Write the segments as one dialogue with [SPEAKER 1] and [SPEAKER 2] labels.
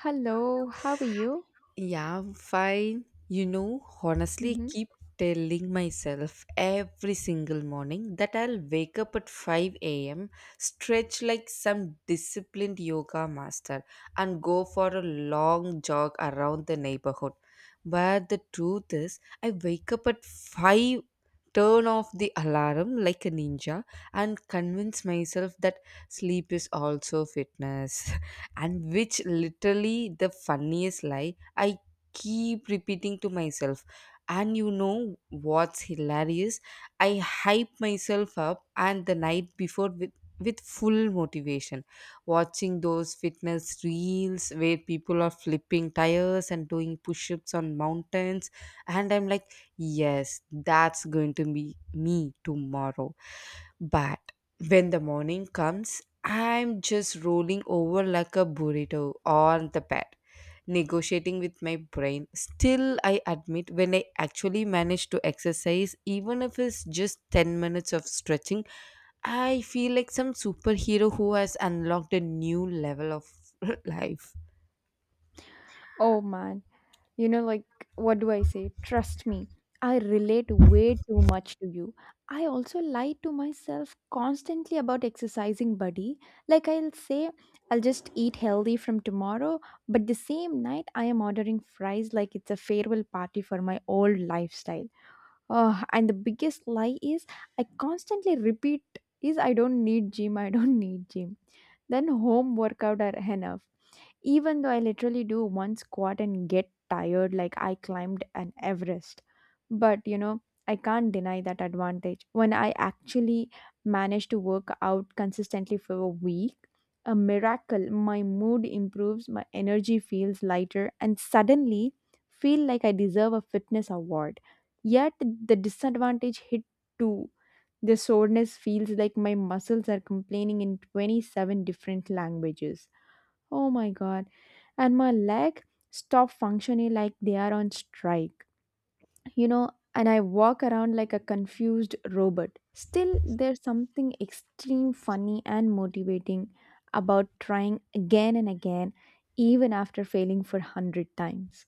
[SPEAKER 1] Hello, how are you?
[SPEAKER 2] Yeah, I'm fine. You know, honestly, I
[SPEAKER 1] hmm
[SPEAKER 2] keep telling myself every single morning that I'll wake up at 5 a.m., stretch like some disciplined yoga master, and go for a long jog around the neighborhood. But the truth is, I wake up at 5, turn off the alarm like a ninja, and convince myself that sleep is also fitness. And which literally the funniest lie I keep repeating to myself. And you know what's hilarious? I hype myself up and the night before with full motivation, watching those fitness reels where people are flipping tires and doing push-ups on mountains, and I'm like, yes, that's going to be me tomorrow. But when the morning comes, I'm just rolling over like a burrito on the bed, negotiating with my brain. Still, I admit, when I actually manage to exercise, even if it's just 10 minutes of stretching, I feel like some superhero who has unlocked a new level of life.
[SPEAKER 1] Oh man, you know, like, what do I say? Trust me, I relate way too much to you. I also lie to myself constantly about exercising, buddy. I'll say, I'll just eat healthy from tomorrow, but the same night I am ordering fries like it's a farewell party for my old lifestyle. Oh, and the biggest lie is I constantly repeat is I don't need gym, I don't need gym. Then home workout are enough even though I literally do one squat and get tired like I climbed an Everest. But I can't deny that advantage. When I actually manage to work out consistently for a week, a miracle, my mood improves, my energy feels lighter, and suddenly feel like I deserve a fitness award. Yet the disadvantage hit too. The soreness feels like my muscles are complaining in 27 different languages. Oh my god. And my leg stop functioning like they are on strike. And I walk around like a confused robot. Still there's something extreme funny and motivating about trying again and again even after failing for 100 times.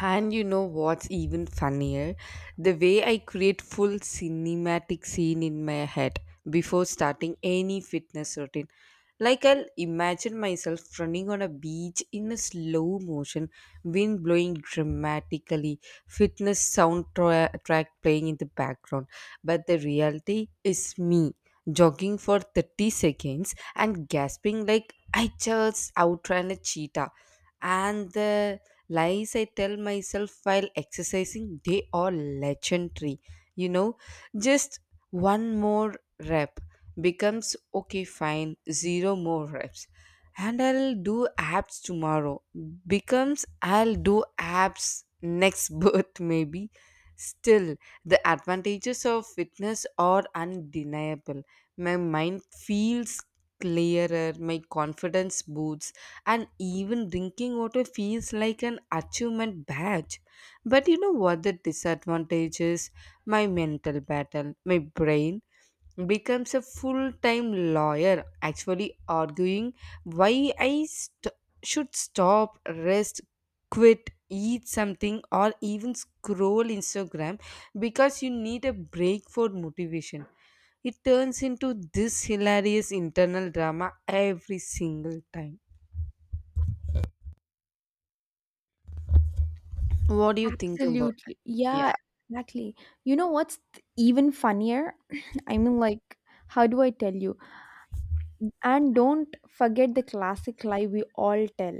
[SPEAKER 2] And you know what's even funnier? The way I create full cinematic scene in my head before starting any fitness routine. Like, I'll imagine myself running on a beach in a slow motion, wind blowing dramatically, fitness soundtrack track playing in the background. But the reality is me jogging for 30 seconds and gasping like I just outran a cheetah. And the lies I tell myself while exercising, they are legendary. You know, just one more rep becomes okay, fine, zero more reps. And I'll do abs tomorrow becomes I'll do abs next birth, maybe. Still, the advantages of fitness are undeniable. My mind feels clearer, my confidence boosts, and even drinking water feels like an achievement badge. But you know what the disadvantage is? My mental battle, my brain becomes a full time lawyer, actually arguing why I should stop, rest, quit, eat something, or even scroll Instagram because you need a break for motivation. It turns into this hilarious internal drama every single time. What do you think about?
[SPEAKER 1] Absolutely.
[SPEAKER 2] Yeah.
[SPEAKER 1] Yeah, exactly. You know what's th- even funnier? I mean, like, how do I tell you? And don't forget the classic lie we all tell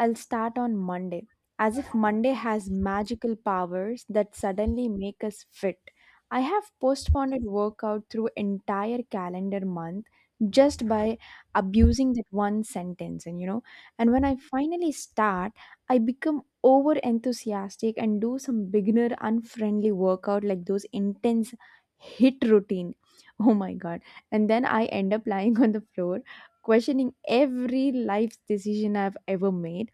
[SPEAKER 1] I'll start on Monday, as if Monday has magical powers that suddenly make us fit. I have postponed a workout through entire calendar month just by abusing that one sentence and you know and when I finally start I become over enthusiastic and do some beginner unfriendly workout like those intense hit routine oh my god and then I end up lying on the floor questioning every life decision I've ever made.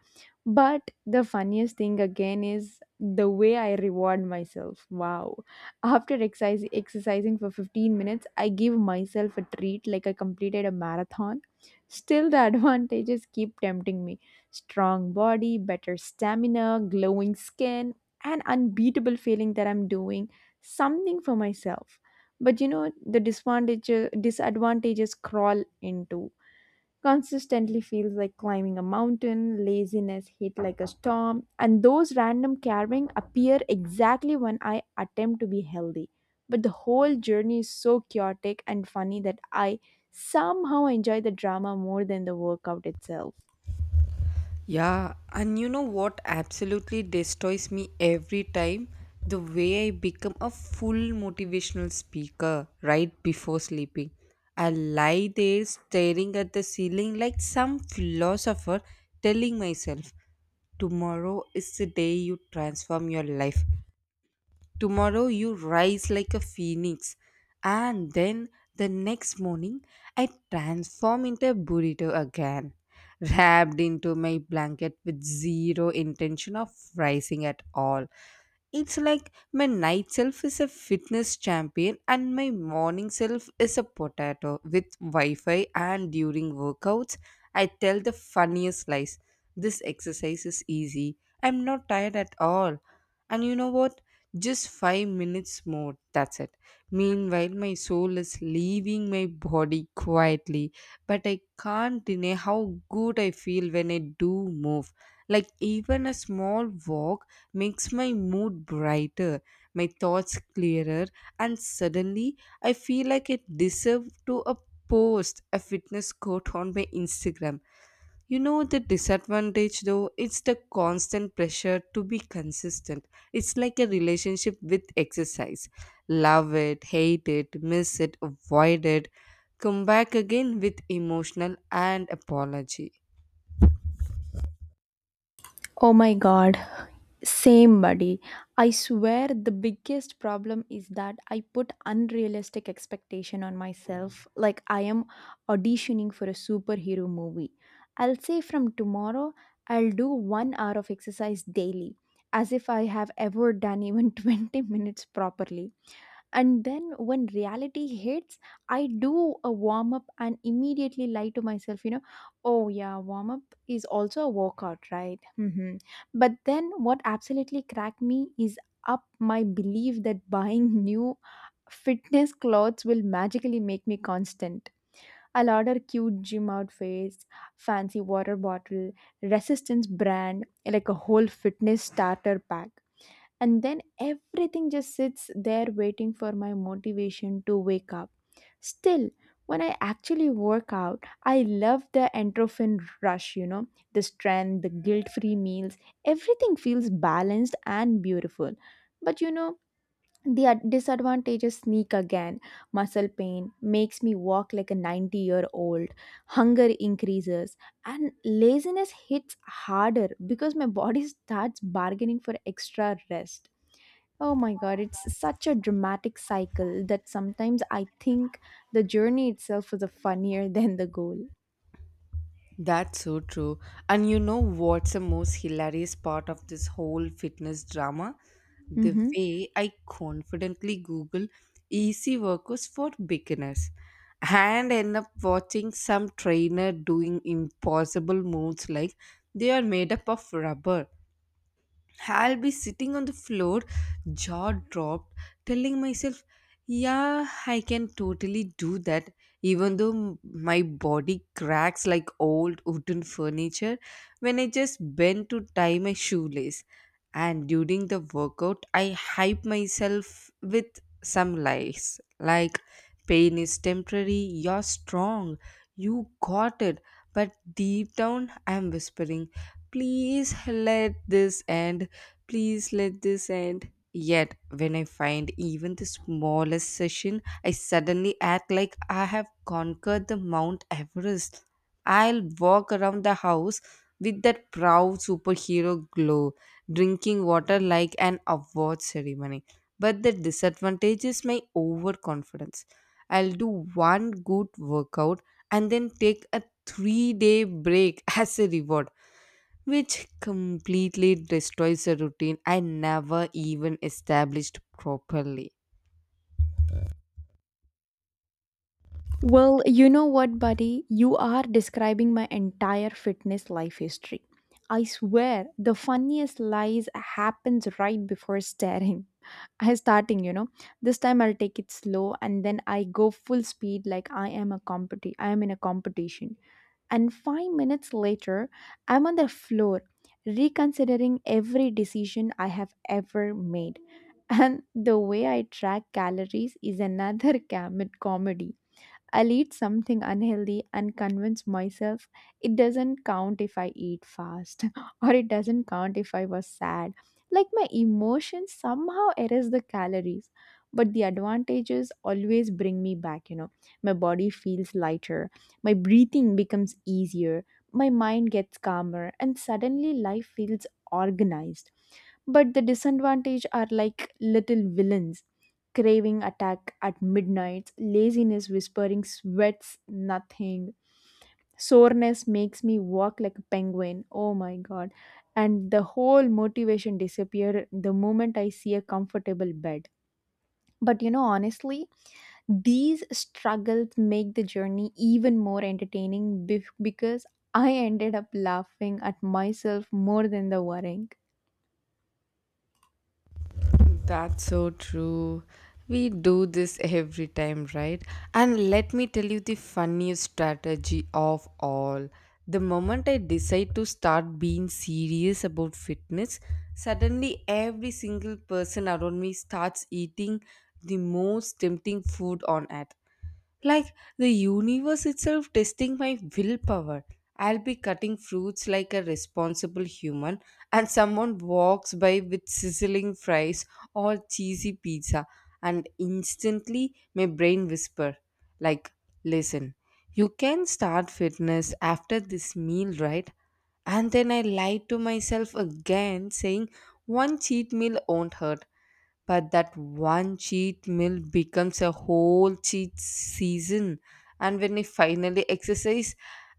[SPEAKER 1] But the funniest thing again is the way I reward myself. Wow. After exercising for 15 minutes, I give myself a treat like I completed a marathon. Still, the advantages keep tempting me strong body, better stamina, glowing skin, and unbeatable feeling that I'm doing something for myself. But the disadvantages crawl into consistently feels like climbing a mountain, laziness hit like a storm, and those random carving appear exactly when I attempt to be healthy. But the whole journey is so chaotic and funny that I somehow enjoy the drama more than the workout itself.
[SPEAKER 2] Yeah, and you know what absolutely destroys me every time? The way I become a full motivational speaker right before sleeping. I lie there staring at the ceiling like some philosopher telling myself, tomorrow is the day you transform your life. Tomorrow you rise like a phoenix. And then the next morning I transform into a burrito again, wrapped into my blanket with zero intention of rising at all. It's like my night self is a fitness champion and my morning self is a potato with Wi Fi. And during workouts, I tell the funniest lies. This exercise is easy. I'm not tired at all. And you know what? Just 5 minutes more. That's it. Meanwhile, my soul is leaving my body quietly. But I can't deny how good I feel when I do move. Like, even a small walk makes my mood brighter, my thoughts clearer, and suddenly I feel like I deserve to a post a fitness quote on my Instagram. You know the disadvantage though, it's the constant pressure to be consistent. It's like a relationship with exercise. Love it, hate it, miss it, avoid it, come back again with emotional and apology.
[SPEAKER 1] Oh my god, same, buddy. I swear the biggest problem is that I put unrealistic expectation on myself like I am auditioning for a superhero movie. I'll say from tomorrow I'll do 1 hour of exercise daily as if I have ever done even 20 minutes properly. And then when reality hits, I do a warm up and immediately lie to myself, oh yeah, warm up is also a workout, right? But then what absolutely cracked me is up my belief that buying new fitness clothes will magically make me constant. I'll order cute gym outfits, fancy water bottle, resistance brand, like a whole fitness starter pack and then everything just sits there waiting for my motivation to wake up. Still, when I actually work out, I love the endorphin rush, the strength, the guilt free meals, everything feels balanced and beautiful. But the disadvantages sneak again. Muscle pain makes me walk like a 90-year-old, hunger increases, and laziness hits harder because my body starts bargaining for extra rest. Oh my god, it's such a dramatic cycle that sometimes I think the journey itself is a funnier than the goal.
[SPEAKER 2] That's so true. And you know what's the most hilarious part of this whole fitness drama? The
[SPEAKER 1] Mm-hmm.
[SPEAKER 2] way I confidently Google easy workouts for beginners and end up watching some trainer doing impossible moves like they are made up of rubber. I'll be sitting on the floor, jaw dropped, telling myself, yeah, I can totally do that, even though my body cracks like old wooden furniture when I just bend to tie my shoelace. And during the workout, I hype myself with some lies like, pain is temporary, you're strong, you got it. But deep down, I'm whispering, please let this end. Please let this end. Yet, when I find even the smallest session, I suddenly act like I have conquered the Mount Everest. I'll walk around the house with that proud superhero glow, drinking water like an award ceremony. But the disadvantage is my overconfidence. I'll do one good workout and then take a 3 day break as a reward, which completely destroys a routine I never even established properly.
[SPEAKER 1] Well, you know what, buddy? You are describing my entire fitness life history. I swear, the funniest lies happens right before staring. I starting, you know. This time I'll take it slow and then I go full speed like I am in a competition. And 5 minutes later, I'm on the floor reconsidering every decision I have ever made. And the way I track calories is another comedy. I'll eat something unhealthy and convince myself it doesn't count if I eat fast or it doesn't count if I was sad. Like my emotions somehow erase the calories, but the advantages always bring me back. My body feels lighter, my breathing becomes easier, my mind gets calmer, and suddenly life feels organized but the disadvantage are like little villains craving attack at midnight, laziness whispering sweats nothing, soreness makes me walk like a penguin. Oh my god. And the whole motivation disappear the moment I see a comfortable bed. But honestly, these struggles make the journey even more entertaining because I ended up laughing at myself more than the worrying.
[SPEAKER 2] That's so true. We do this every time, right? And let me tell you the funniest strategy of all. The moment I decide to start being serious about fitness, suddenly every single person around me starts eating the most tempting food on earth. Like the universe itself testing my willpower. I'll be cutting fruits like a responsible human, and someone walks by with sizzling fries or cheesy pizza, and instantly my brain whisper, like, listen, you can start fitness after this meal, right? And then I lied to myself again, saying one cheat meal won't hurt, but that one cheat meal becomes a whole cheat season. And when I finally exercise,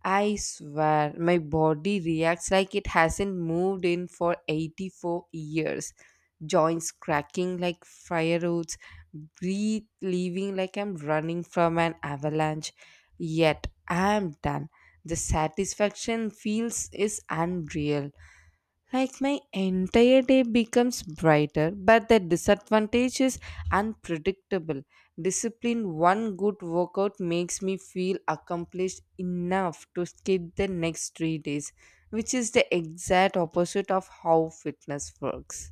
[SPEAKER 2] I swear my body reacts like it hasn't moved in for 84 years, joints cracking like fireworks, breathe leaving like I'm running from an avalanche. Yet I'm done, the satisfaction feels is unreal, like my entire day becomes brighter. But the disadvantage is unpredictable. Discipline, one good workout makes me feel accomplished enough to skip the next 3 days, which is the exact opposite of how fitness works.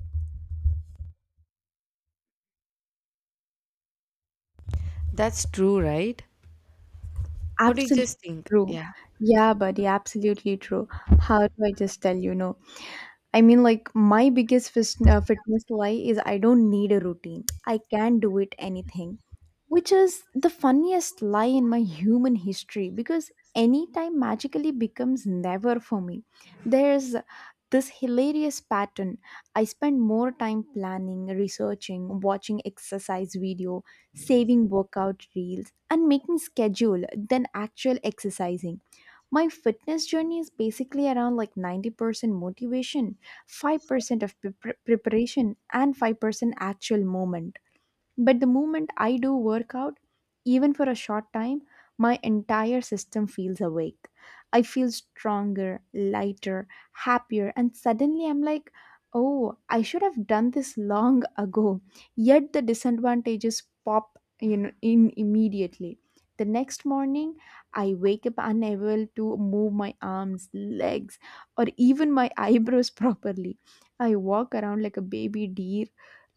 [SPEAKER 2] That's true, right? What do you
[SPEAKER 1] Absolutely
[SPEAKER 2] just think?
[SPEAKER 1] true.
[SPEAKER 2] Yeah.
[SPEAKER 1] Yeah, buddy, absolutely true. How do I just tell you no? My biggest fitness lie is I don't need a routine. I can do it anything, which is the funniest lie in my human history because anytime magically becomes never for me. There's this hilarious pattern. I spend more time planning, researching, watching exercise video, saving workout reels, and making schedule than actual exercising my fitness journey is basically around like 90% motivation 5% of preparation and 5% actual moment but the moment I do workout, even for a short time, my entire system feels awake. I feel stronger, lighter, happier, and suddenly I'm like, oh, I should have done this long ago. Yet the disadvantages pop in immediately. The next morning, I wake up unable to move my arms, legs, or even my eyebrows properly. I walk around like a baby deer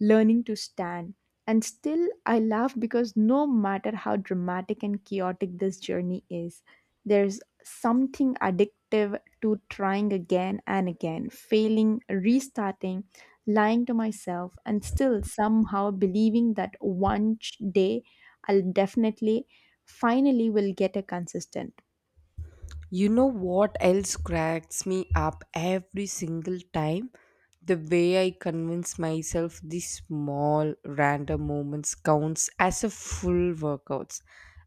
[SPEAKER 1] learning to stand and still, I laugh because no matter how dramatic and chaotic this journey is, there's something addictive to trying again and again, failing, restarting, lying to myself, and still somehow believing that one day I'll definitely finally will get a consistent.
[SPEAKER 2] You know what else cracks me up every single time? The way I convince myself these small random moments counts as a full workouts.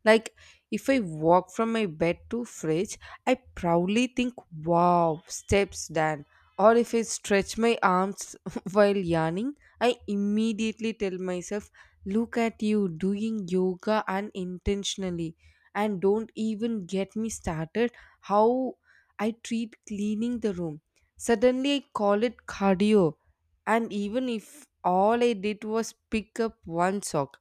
[SPEAKER 2] Like, if I walk from my bed to fridge, I proudly think, wow, steps done. Or if I stretch my arms while yawning, I immediately tell myself, look at you doing yoga unintentionally. And don't even get me started how I treat cleaning the room. Suddenly, I call it cardio. And even if all I did was pick up one sock.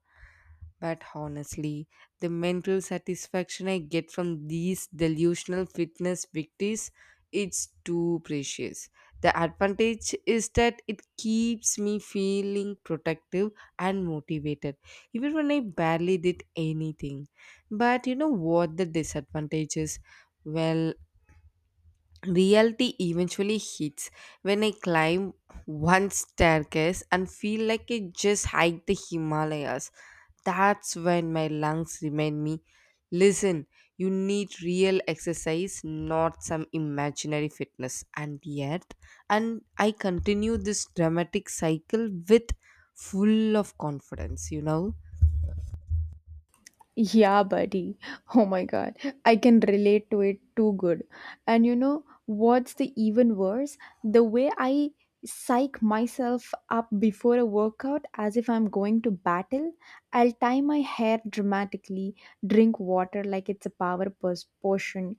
[SPEAKER 2] But honestly, the mental satisfaction I get from these delusional fitness victories, it's too precious. The advantage is that it keeps me feeling protective and motivated, even when I barely did anything. But you know what the disadvantage is? Well, reality eventually hits when I climb one staircase and feel like I just hiked the Himalayas. That's when my lungs remind me, listen, you need real exercise, not some imaginary fitness. And yet, and I continue this dramatic cycle with full of confidence, you know.
[SPEAKER 1] Yeah, buddy. Oh my god. I can relate to it too good. And you know what's the even worse? The way I psych myself up before a workout as if I'm going to battle, I'll tie my hair dramatically, drink water like it's a power potion,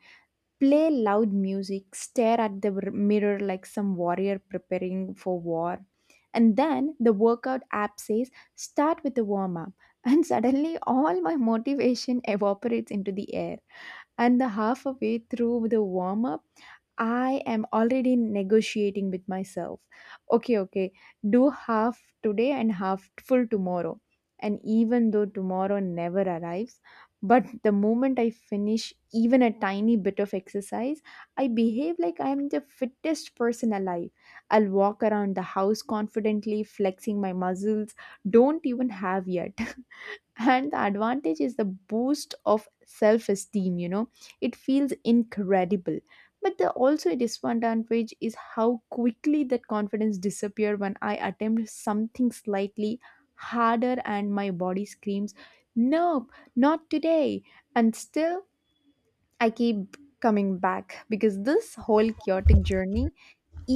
[SPEAKER 1] play loud music, stare at the mirror like some warrior preparing for war. And then the workout app says start with the warm up and suddenly, all my motivation evaporates into the air. And the halfway through the warm up, I am already negotiating with myself. Okay, do half today and half full tomorrow. And even though tomorrow never arrives, but the moment I finish even a tiny bit of exercise, I behave like I am the fittest person alive. I'll walk around the house confidently, flexing my muscles, don't even have yet and the advantage is the boost of self esteem, it feels incredible but the also a disadvantage is how quickly that confidence disappear when I attempt something slightly harder and my body screams nope not today and still I keep coming back because this whole chaotic journey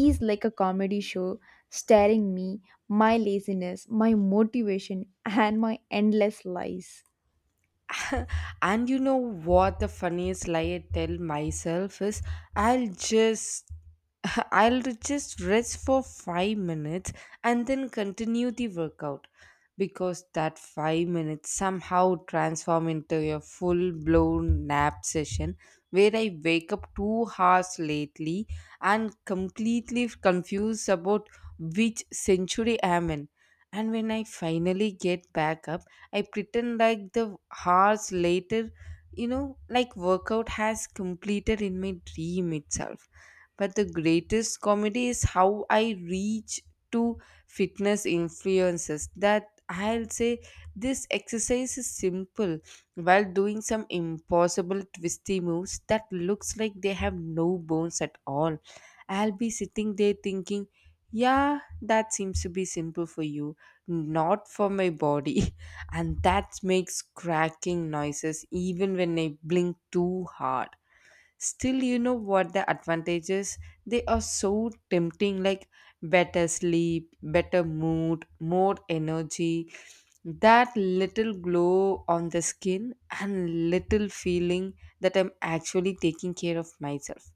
[SPEAKER 1] is like a comedy show staring me my laziness my motivation and my endless lies.
[SPEAKER 2] And you know what the funniest lie I tell myself is? I'll just I'll just rest for 5 minutes and then continue the workout, because that 5 minutes somehow transform into a full blown nap session where I wake up 2 hours lately and completely confused about which century I am in. And when I finally get back up, I pretend like the hours later, you know, like workout has completed in my dream itself. But the greatest comedy is how I reach to fitness influences that I'll say this exercise is simple while doing some impossible twisty moves that looks like they have no bones at all. I'll be sitting there thinking, yeah, that seems to be simple for you, not for my body. And that makes cracking noises even when I blink too hard. Still, you know what the advantages? They are so tempting, like better sleep, better mood, more energy, that little glow on the skin, and little feeling that I'm actually taking care of myself.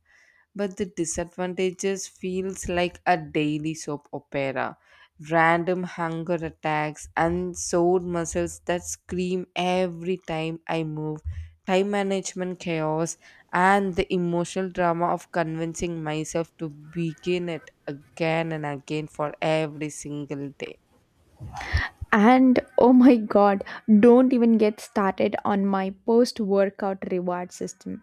[SPEAKER 2] But the disadvantages feels like a daily soap opera, random hunger attacks and sore muscles that scream every time I move, time management chaos, and the emotional drama of convincing myself to begin it again and again for every single day.
[SPEAKER 1] And oh my god, don't even get started on my post workout reward system.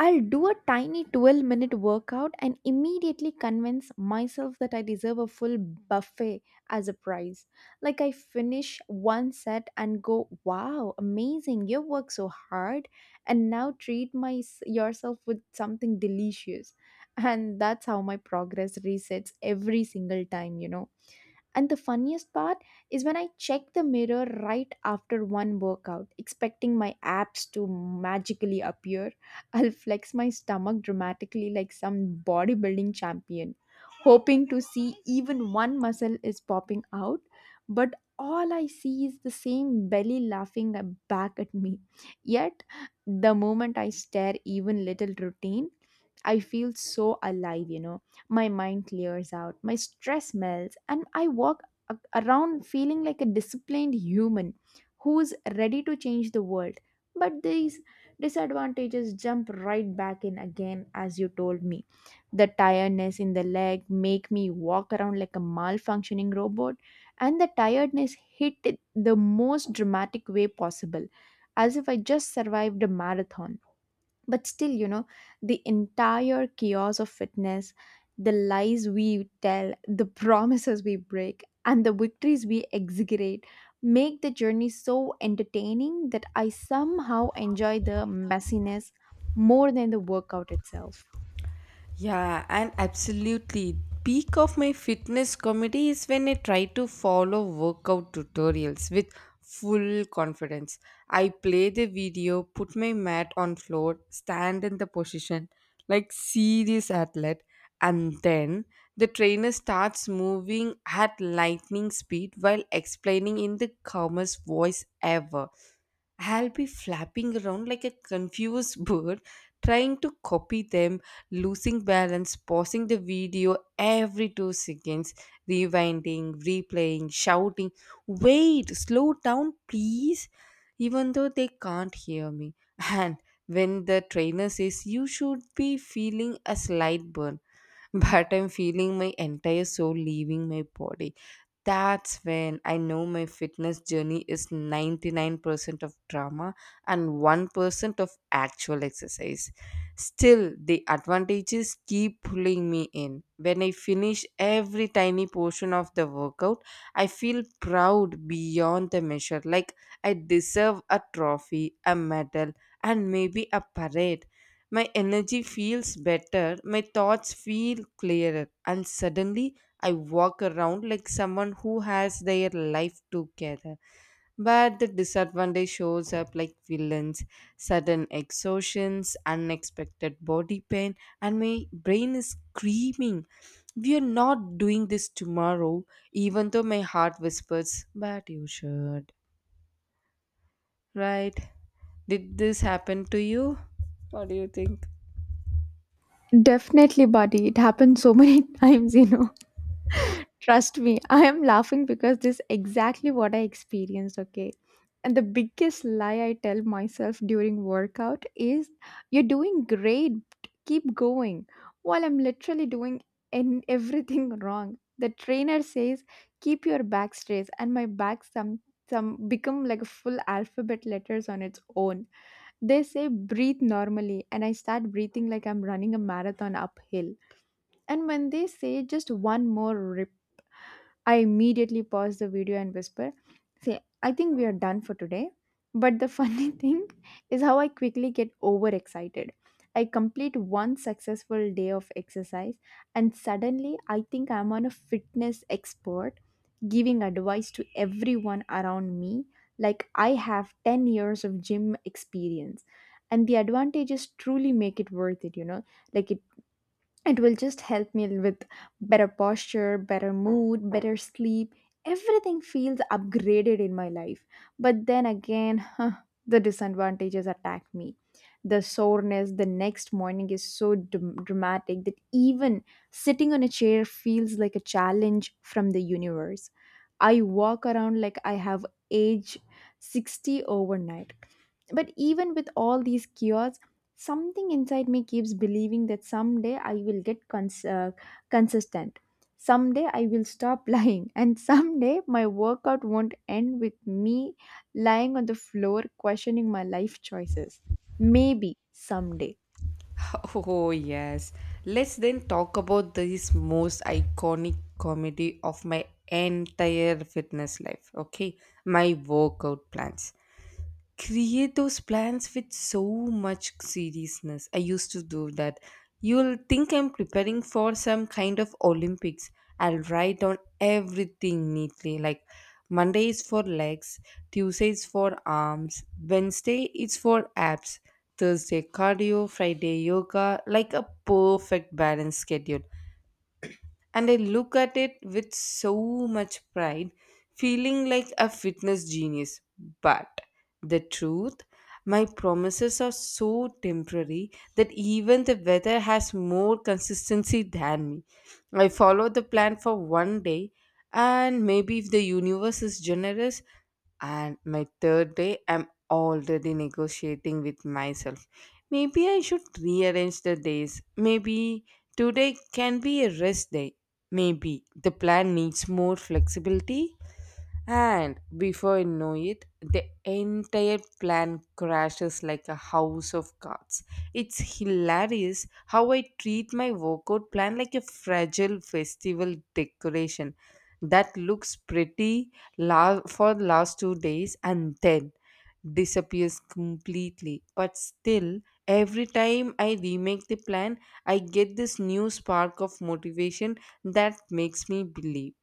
[SPEAKER 1] I'll do a tiny 12-minute workout and immediately convince myself that I deserve a full buffet as a prize. Like I finish one set and go, wow, amazing, you work so hard, and now treat yourself with something delicious. And that's how my progress resets every single time. And the funniest part is when I check the mirror right after one workout, expecting my abs to magically appear. I'll flex my stomach dramatically like some bodybuilding champion, hoping to see even one muscle is popping out. But all I see is the same belly laughing back at me. Yet, the moment I stare even little routine, I feel so alive. My mind clears out, my stress melts, and I walk around feeling like a disciplined human who's ready to change the world. But these disadvantages jump right back in again, as you told me. The tiredness in the leg make me walk around like a malfunctioning robot, and the tiredness hit it the most dramatic way possible, as if I just survived a marathon but still the entire chaos of fitness the lies we tell the promises we break and the victories we exaggerate make the journey so entertaining that I somehow enjoy the messiness more than the workout itself.
[SPEAKER 2] Yeah, and absolutely. Peak of my fitness comedy is when I try to follow workout tutorials with full confidence. I play the video, put my mat on floor, stand in the position like serious athlete, and then the trainer starts moving at lightning speed while explaining in the calmest voice ever. I'll be flapping around like a confused bird, trying to copy them, losing balance, pausing the video every 2 seconds, rewinding, replaying, shouting, wait, slow down, please, even though they can't hear me. And when the trainer says, you should be feeling a slight burn, but I'm feeling my entire soul leaving my body, that's when I know my fitness journey is 99% of drama and 1% of actual exercise. Still, the advantages keep pulling me in. When I finish every tiny portion of the workout, I feel proud beyond the measure, like I deserve a trophy, a medal, and maybe a parade. My energy feels better, my thoughts feel clearer, and suddenly I walk around like someone who has their life together. But the disadvantage shows up like villains, sudden exhaustions, unexpected body pain, and my brain is screaming, we are not doing this tomorrow, even though my heart whispers, but you should. Right? Did this happen to you? Think.
[SPEAKER 1] Definitely buddy it happens so many times. Trust me, I am laughing because this is exactly what I experienced, okay? And the biggest lie I tell myself during workout is you're doing great, keep going. While I'm literally doing everything wrong. The trainer says keep your back straight and my back some become like a full alphabet letters on its own. They say breathe normally, and I start breathing like I'm running a marathon uphill. And when they say just one more, I immediately pause the video and whisper, say, I think we are done for today. But the funny thing is how I quickly get overexcited. I complete one successful day of exercise, and suddenly I think I'm on a fitness expert giving advice to everyone around me, like I have 10 years of gym experience. And the advantages truly make it worth it. Like it it will just help me with better posture, better mood, better sleep. Everything feels upgraded in my life. But then again, huh, the disadvantages attack me. The soreness the next morning is so dramatic that even sitting on a chair feels like a challenge from the universe. I walk around like I have age 60 overnight. But even with all these cures, something inside me keeps believing that someday I will get consistent. Someday I will stop lying, and someday my workout won't end with me lying on the floor questioning my life choices. Maybe someday.
[SPEAKER 2] Oh, yes. Let's then talk about this most iconic comedy of my entire fitness life. Okay, my workout plans, create those plans with so much seriousness. I used to do that. You'll think I'm preparing for some kind of Olympics. I'll write down everything neatly. Like Monday is for legs, Tuesday is for arms, Wednesday is for abs, Thursday cardio, Friday yoga, like a perfect balanced schedule. And I look at it with so much pride, feeling like a fitness genius. But the truth, my promises are so temporary that even the weather has more consistency than me. I follow the plan for one day, and maybe if the universe is generous, and my third day, I'm already negotiating with myself. Maybe I should rearrange the days. Maybe today can be a rest day. Maybe the plan needs more flexibility. And before you know it, the entire plan crashes like a house of cards. It's hilarious how I treat my workout plan like a fragile festival decoration that looks pretty for the last 2 days and then disappears completely. But still, every time I remake the plan, I get this new spark of motivation that makes me believe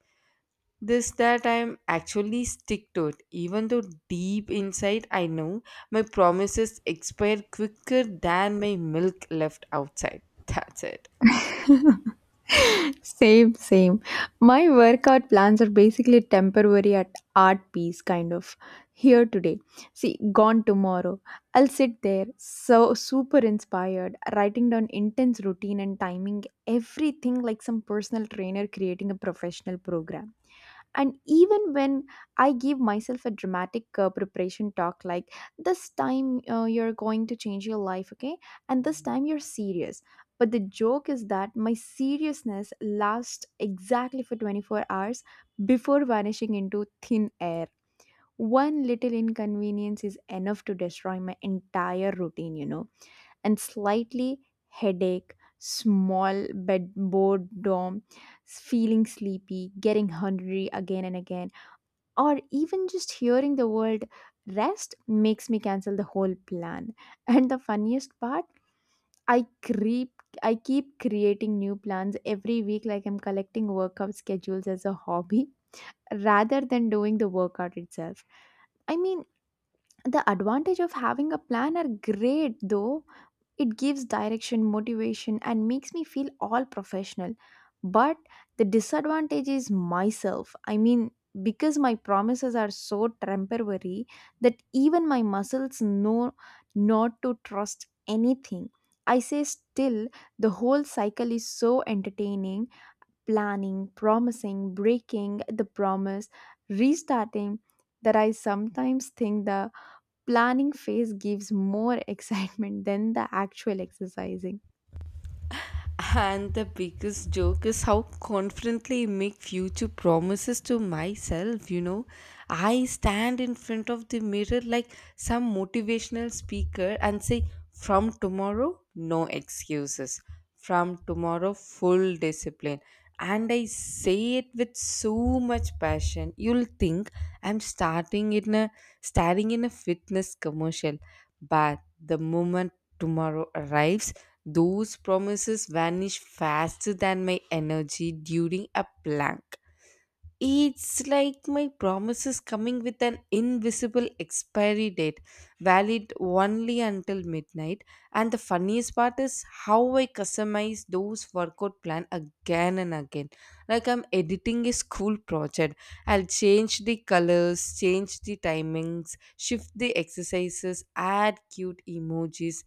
[SPEAKER 2] this that I'm actually stick to it, even though deep inside I know my promises expire quicker than my milk left outside. That's it.
[SPEAKER 1] Same, same. My workout plans are basically temporary at art piece kind of here today. See, gone tomorrow. I'll sit there so super inspired, writing down intense routine and timing everything like some personal trainer creating a professional program. And even when I give myself a dramatic preparation talk like, this time you're going to change your life, okay, and this time you're serious. But the joke is that my seriousness lasts exactly for 24 hours before vanishing into thin air. One little inconvenience is enough to destroy my entire routine. And slightly headache, small bed boredom, feeling sleepy, getting hungry again and again, or even just hearing the word rest makes me cancel the whole plan. And the funniest part, i creep I keep creating new plans every week like I'm collecting workout schedules as a hobby, rather than doing the workout itself. I mean, the advantage of having a plan are great, though. It gives direction, motivation, and makes me feel all professional. But the disadvantage is myself. I mean, because my promises are so temporary that even my muscles know not to trust anything. I say still, the whole cycle is so entertaining, planning, promising, breaking the promise, restarting, that I sometimes think the planning phase gives more excitement than the actual exercising.
[SPEAKER 2] And the biggest joke is how confidently I make future promises to myself, you know. I stand in front of the mirror like some motivational speaker and say, from tomorrow, no excuses. From tomorrow, full discipline. And I say it with so much passion. You'll think I'm starting in a fitness commercial. But the moment tomorrow arrives, those promises vanish faster than my energy during a blank. It's like my promises coming with an invisible expiry date, valid only until midnight. And the funniest part is how I customize those workout plan again and again. Like I'm editing a school project. I'll change the colors, change the timings, shift the exercises, add cute emojis,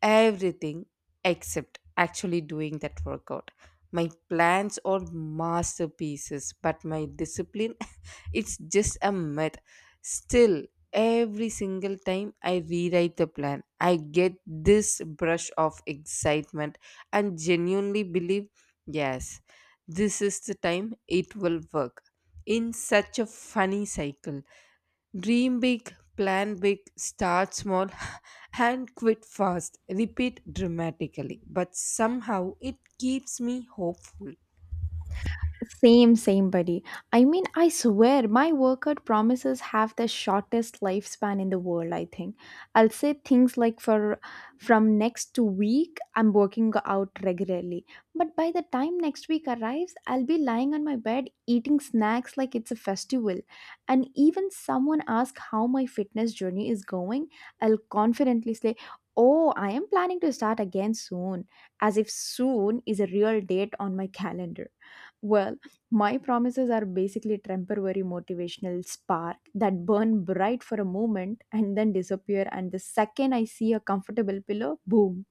[SPEAKER 2] everything except actually doing that workout. My plans are masterpieces, but my discipline, it's just a myth. Still, every single time I rewrite the plan, I get this brush of excitement and genuinely believe, yes, this is the time it will work. In such a funny cycle. Dream big, plan big, start small, and quit fast. Repeat dramatically. But somehow it keeps me hopeful.
[SPEAKER 1] Same, same, buddy. I mean, I swear my workout promises have the shortest lifespan in the world, I think. I'll say things like, for from next week I'm working out regularly. But by the time next week arrives, I'll be lying on my bed eating snacks like it's a festival. And even someone asks how my fitness journey is going, I'll confidently say, "Oh, I am planning to start again soon," as if soon is a real date on my calendar. Well, my promises are basically temporary motivational spark that burn bright for a moment and then disappear. And the second I see a comfortable pillow, boom,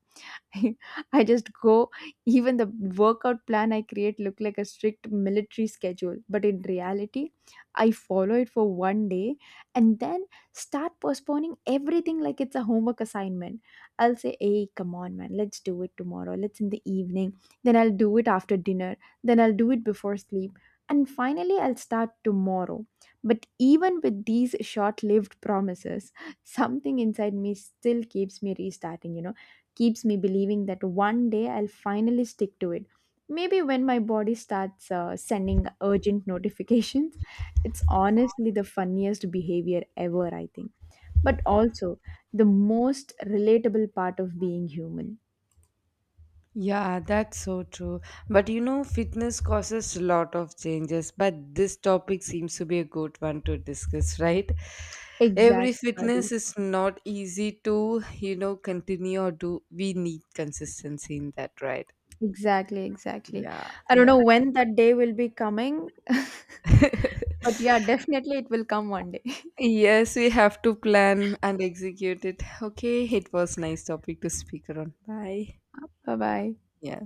[SPEAKER 1] I just go, even the workout plan I create look like a strict military schedule. But in reality, I follow it for one day and then start postponing everything like it's a homework assignment. I'll say, hey, come on, man, let's do it tomorrow. Let's in the evening. Then I'll do it after dinner. Then I'll do it before sleep. And finally, I'll start tomorrow. But even with these short lived promises, something inside me still keeps me restarting, keeps me believing that one day I'll finally stick to it. Maybe when my body starts sending urgent notifications, it's honestly the funniest behavior ever, I think. But also the most relatable part of being human.
[SPEAKER 2] Yeah, that's so true. But you know, fitness causes a lot of changes. But this topic seems to be a good one to discuss, right? Every
[SPEAKER 1] Exactly, buddy.
[SPEAKER 2] fitness is not easy to, you know, continue or do. We need consistency in that, right?
[SPEAKER 1] Exactly, exactly.
[SPEAKER 2] Yeah,
[SPEAKER 1] I don't
[SPEAKER 2] yeah.
[SPEAKER 1] know when that day will be coming, but yeah, definitely it will come one day.
[SPEAKER 2] Yes, we have to plan and execute it. Okay, it was nice topic to speak around. Bye.
[SPEAKER 1] Bye bye.
[SPEAKER 2] Yeah.